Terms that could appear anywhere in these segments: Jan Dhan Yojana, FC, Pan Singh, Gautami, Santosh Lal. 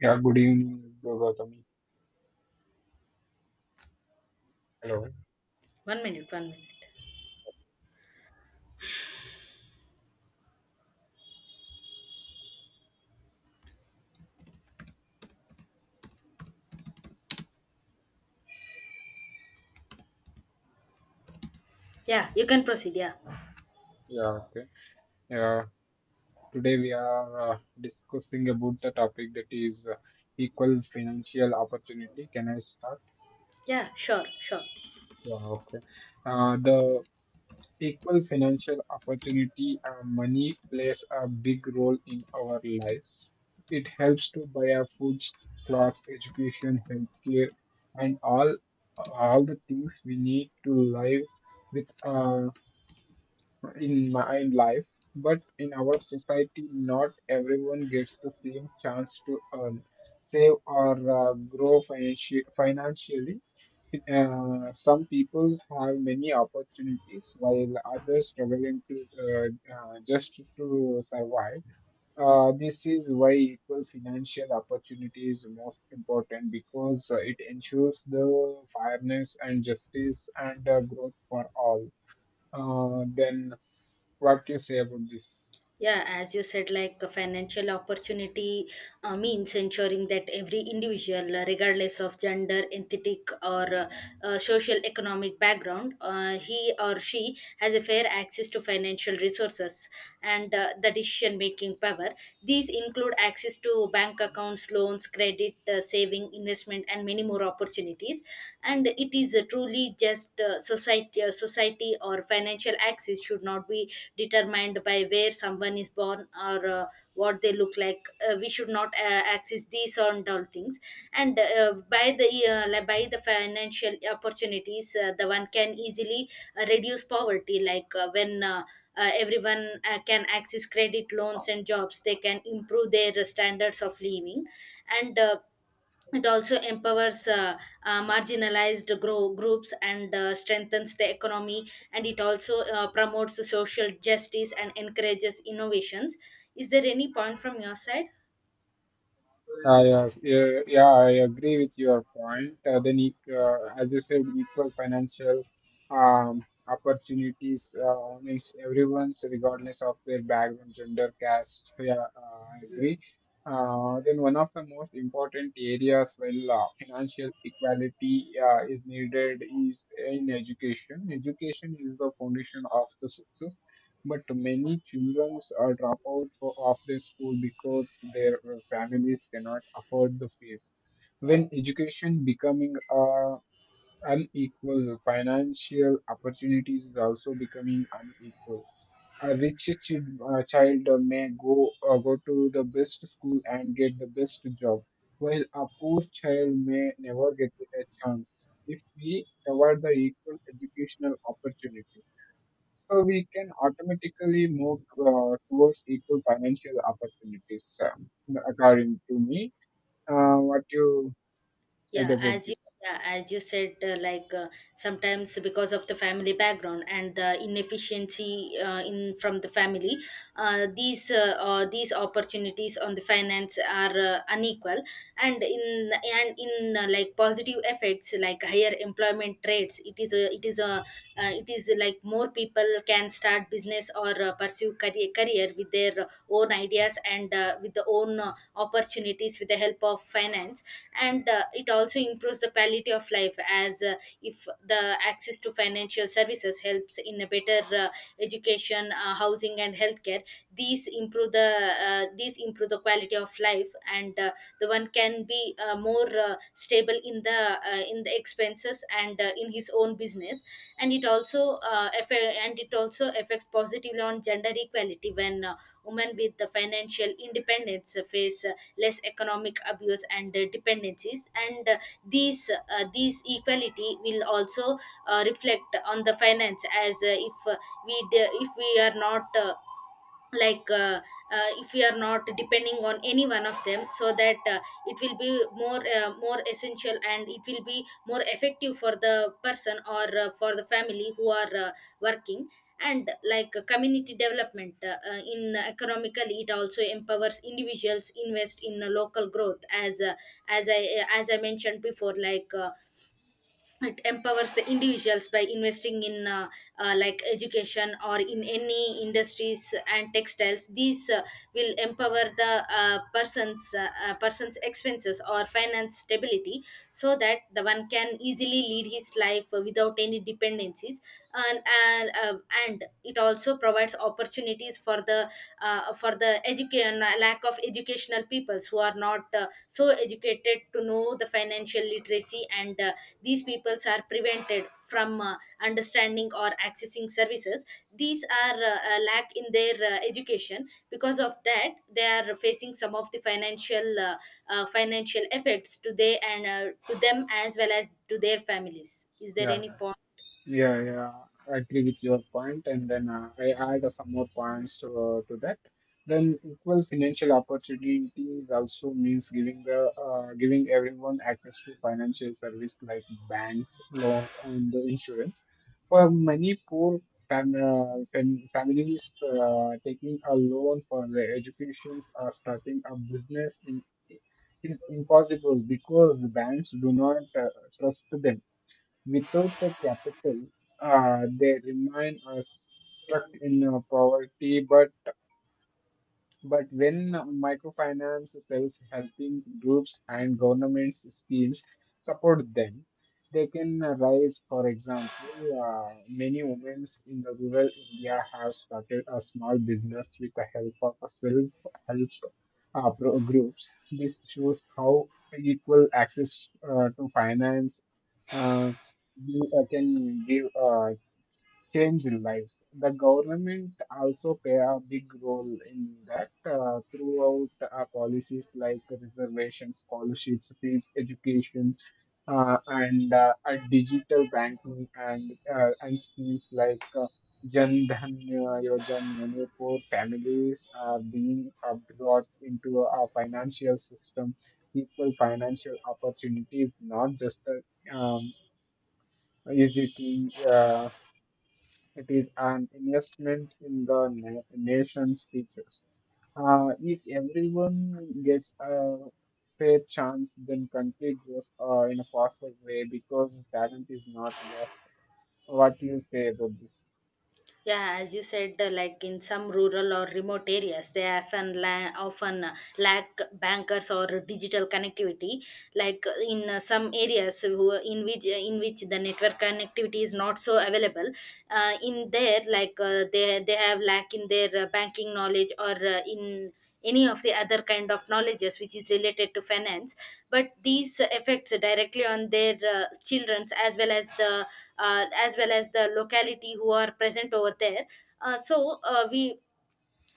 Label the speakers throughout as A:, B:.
A: Yeah, good evening, Gautami. Hello.
B: One minute, one minute. Yeah, you can proceed. Yeah,
A: Yeah, okay. Yeah, today we are discussing about the topic that is equal financial opportunity. Can I start?
B: yeah, sure.
A: Yeah, okay. The equal financial opportunity, money plays a big role in our lives. It helps to buy our food, clothes, education, healthcare, and all the things we need to live with a in my in life, but in our society, not everyone gets the same chance to earn, save, or grow financially. Some people have many opportunities, while others struggling to just to survive. This is why equal financial opportunity is most important because it ensures the fairness and justice and growth for all. Then what do you say about this?
B: Yeah, as you said, like a financial opportunity means ensuring that every individual, regardless of gender, ethnic, or social economic background, he or she has a fair access to financial resources and the decision making power. These include access to bank accounts, loans, credit, saving, investment, and many more opportunities. And it is truly just society or financial access should not be determined by where someone is born or what they look like. We should not access these and all things. And by the like by the financial opportunities, the one can easily reduce poverty. Like when everyone can access credit loans and jobs, they can improve their standards of living. And it also empowers marginalized groups and strengthens the economy, and it also promotes social justice and encourages innovations. Is there any point from your side?
A: Yes, yeah, yeah, I agree with your point. Then, as you said, equal financial opportunities means everyone's, regardless of their background, gender, caste. Yeah, I agree. Then, one of the most important areas when financial equality is needed is in education. Education is the foundation of the success. But many children are dropouts for, of their school because their families cannot afford the fees. When education becoming unequal, financial opportunities is also becoming unequal. A rich chi- child may go to the best school and get the best job, while a poor child may never get a chance. If we provide the equal educational opportunities. So we can automatically move towards equal financial opportunities, according to me. What you said
B: yeah
A: about
B: as you
A: this?
B: yeah, as you said, like sometimes because of the family background and the inefficiency in from the family, these opportunities on the finance are unequal. And in like positive effects like higher employment rates, it is like more people can start business or pursue career with their own ideas and with the own opportunities with the help of finance. And it also improves the quality of life, as if the access to financial services helps in a better education, housing and healthcare. These improve the quality of life, and the one can be more stable in the expenses and in his own business. And it also affects positively on gender equality, when women with the financial independence face less economic abuse and dependencies, and these equality will also reflect on the finance, as if we are not like uh, if we are not depending on any one of them, so that it will be more essential and it will be more effective for the person or for the family who are working. And like community development, in economically, it also empowers individuals invest in local growth, as I as I mentioned before, it empowers the individuals by investing in like education or in any industries and textiles. These will empower the person's expenses or finance stability, so that the one can easily lead his life without any dependencies. And and, uh, and it also provides opportunities for the education, lack of educational peoples who are not so educated to know the financial literacy, and these these peoples are prevented from understanding or accessing services. These are a lack in their education, because of that they are facing some of the financial effects to they and to them as well as to their families. Is there
A: Yeah,
B: any point?
A: yeah, yeah, I agree with your point, and then I add some more points to that. Then equal financial opportunities also means giving the giving everyone access to financial service like banks, loan, and the insurance. For many poor families, taking a loan for their educations or starting a business in, is impossible because the banks do not trust them. Without the capital, they remain stuck in poverty. But when microfinance, self-helping groups, and governments schemes support them, they can rise. For example, many women in the rural India have started a small business with the help of a self-help groups. This shows how equal access to finance uh, can give. Change in lives. The government also play a big role in that throughout policies like reservation, scholarships, fees, education, and digital banking and schemes like Jan Dhan Yojana. Many poor families are being brought into a financial system. Equal financial opportunities, not just a easy thing. It is an investment in the na nation's futures. If everyone gets a fair chance, then country grows in a faster way because talent is not lost. What do you say about this?
B: Yeah, as you said, like in some rural or remote areas, they often lack bankers or digital connectivity. Like in some areas who in which the network connectivity is not so available. In there, like they have lack in their banking knowledge or in any of the other kind of knowledges which is related to finance. But these affects directly on their children's, as well as the locality who are present over there. uh, so uh, we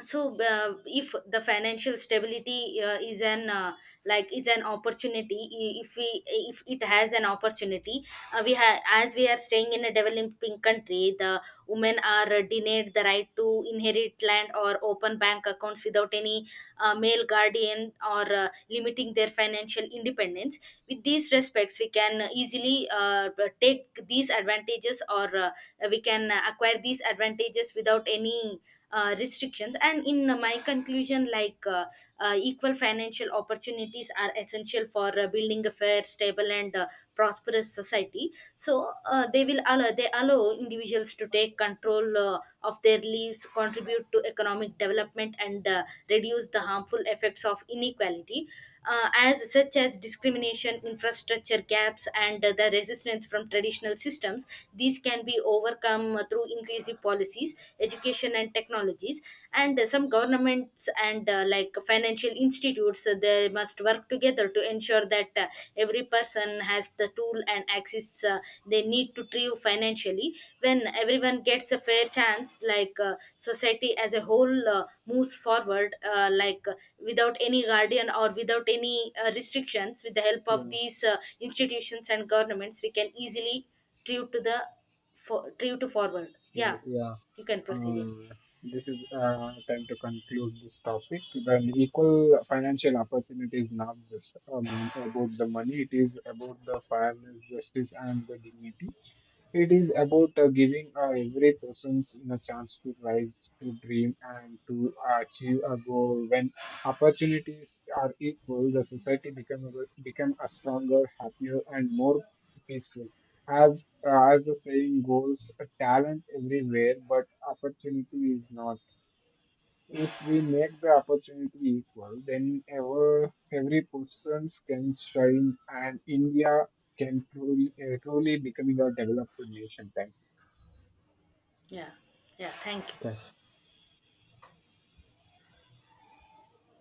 B: so uh, if the financial stability is an opportunity, if it has an opportunity, we have, as we are staying in a developing country, the women are denied the right to inherit land or open bank accounts without any male guardian or limiting their financial independence. With these respects, we can easily take these advantages or we can acquire these advantages without any restrictions. And in my conclusion, equal financial opportunities are essential for building a fair, stable and prosperous society, so they allow individuals to take control of their lives, contribute to economic development, and reduce the harmful effects of inequality, as such as discrimination, infrastructure gaps, and the resistance from traditional systems. These can be overcome through inclusive policies, education, and technologies. And some governments and like financial institutes, they must work together to ensure that every person has the tool and access they need to thrive financially. When everyone gets a fair chance, society as a whole moves forward, without any guardian or without any restrictions. With the help of
A: Yeah,
B: these institutions and governments, we can easily thrive to the, thrive to forward.
A: yeah,
B: Yeah,
A: yeah.
B: you can proceed. Yeah.
A: Um, this is time to conclude this topic. Then equal financial opportunity is not just about the money; it is about the fairness, justice, and the dignity. It is about giving every person a chance to rise, to dream, and to achieve a goal. When opportunities are equal, the society become a stronger, happier, and more peaceful. As the saying goes, talent everywhere, but opportunity is not. If we make the opportunity equal, then every person can shine, and India can truly becoming a developed nation. Thank
B: Yeah. Yeah. Thank you.
A: you.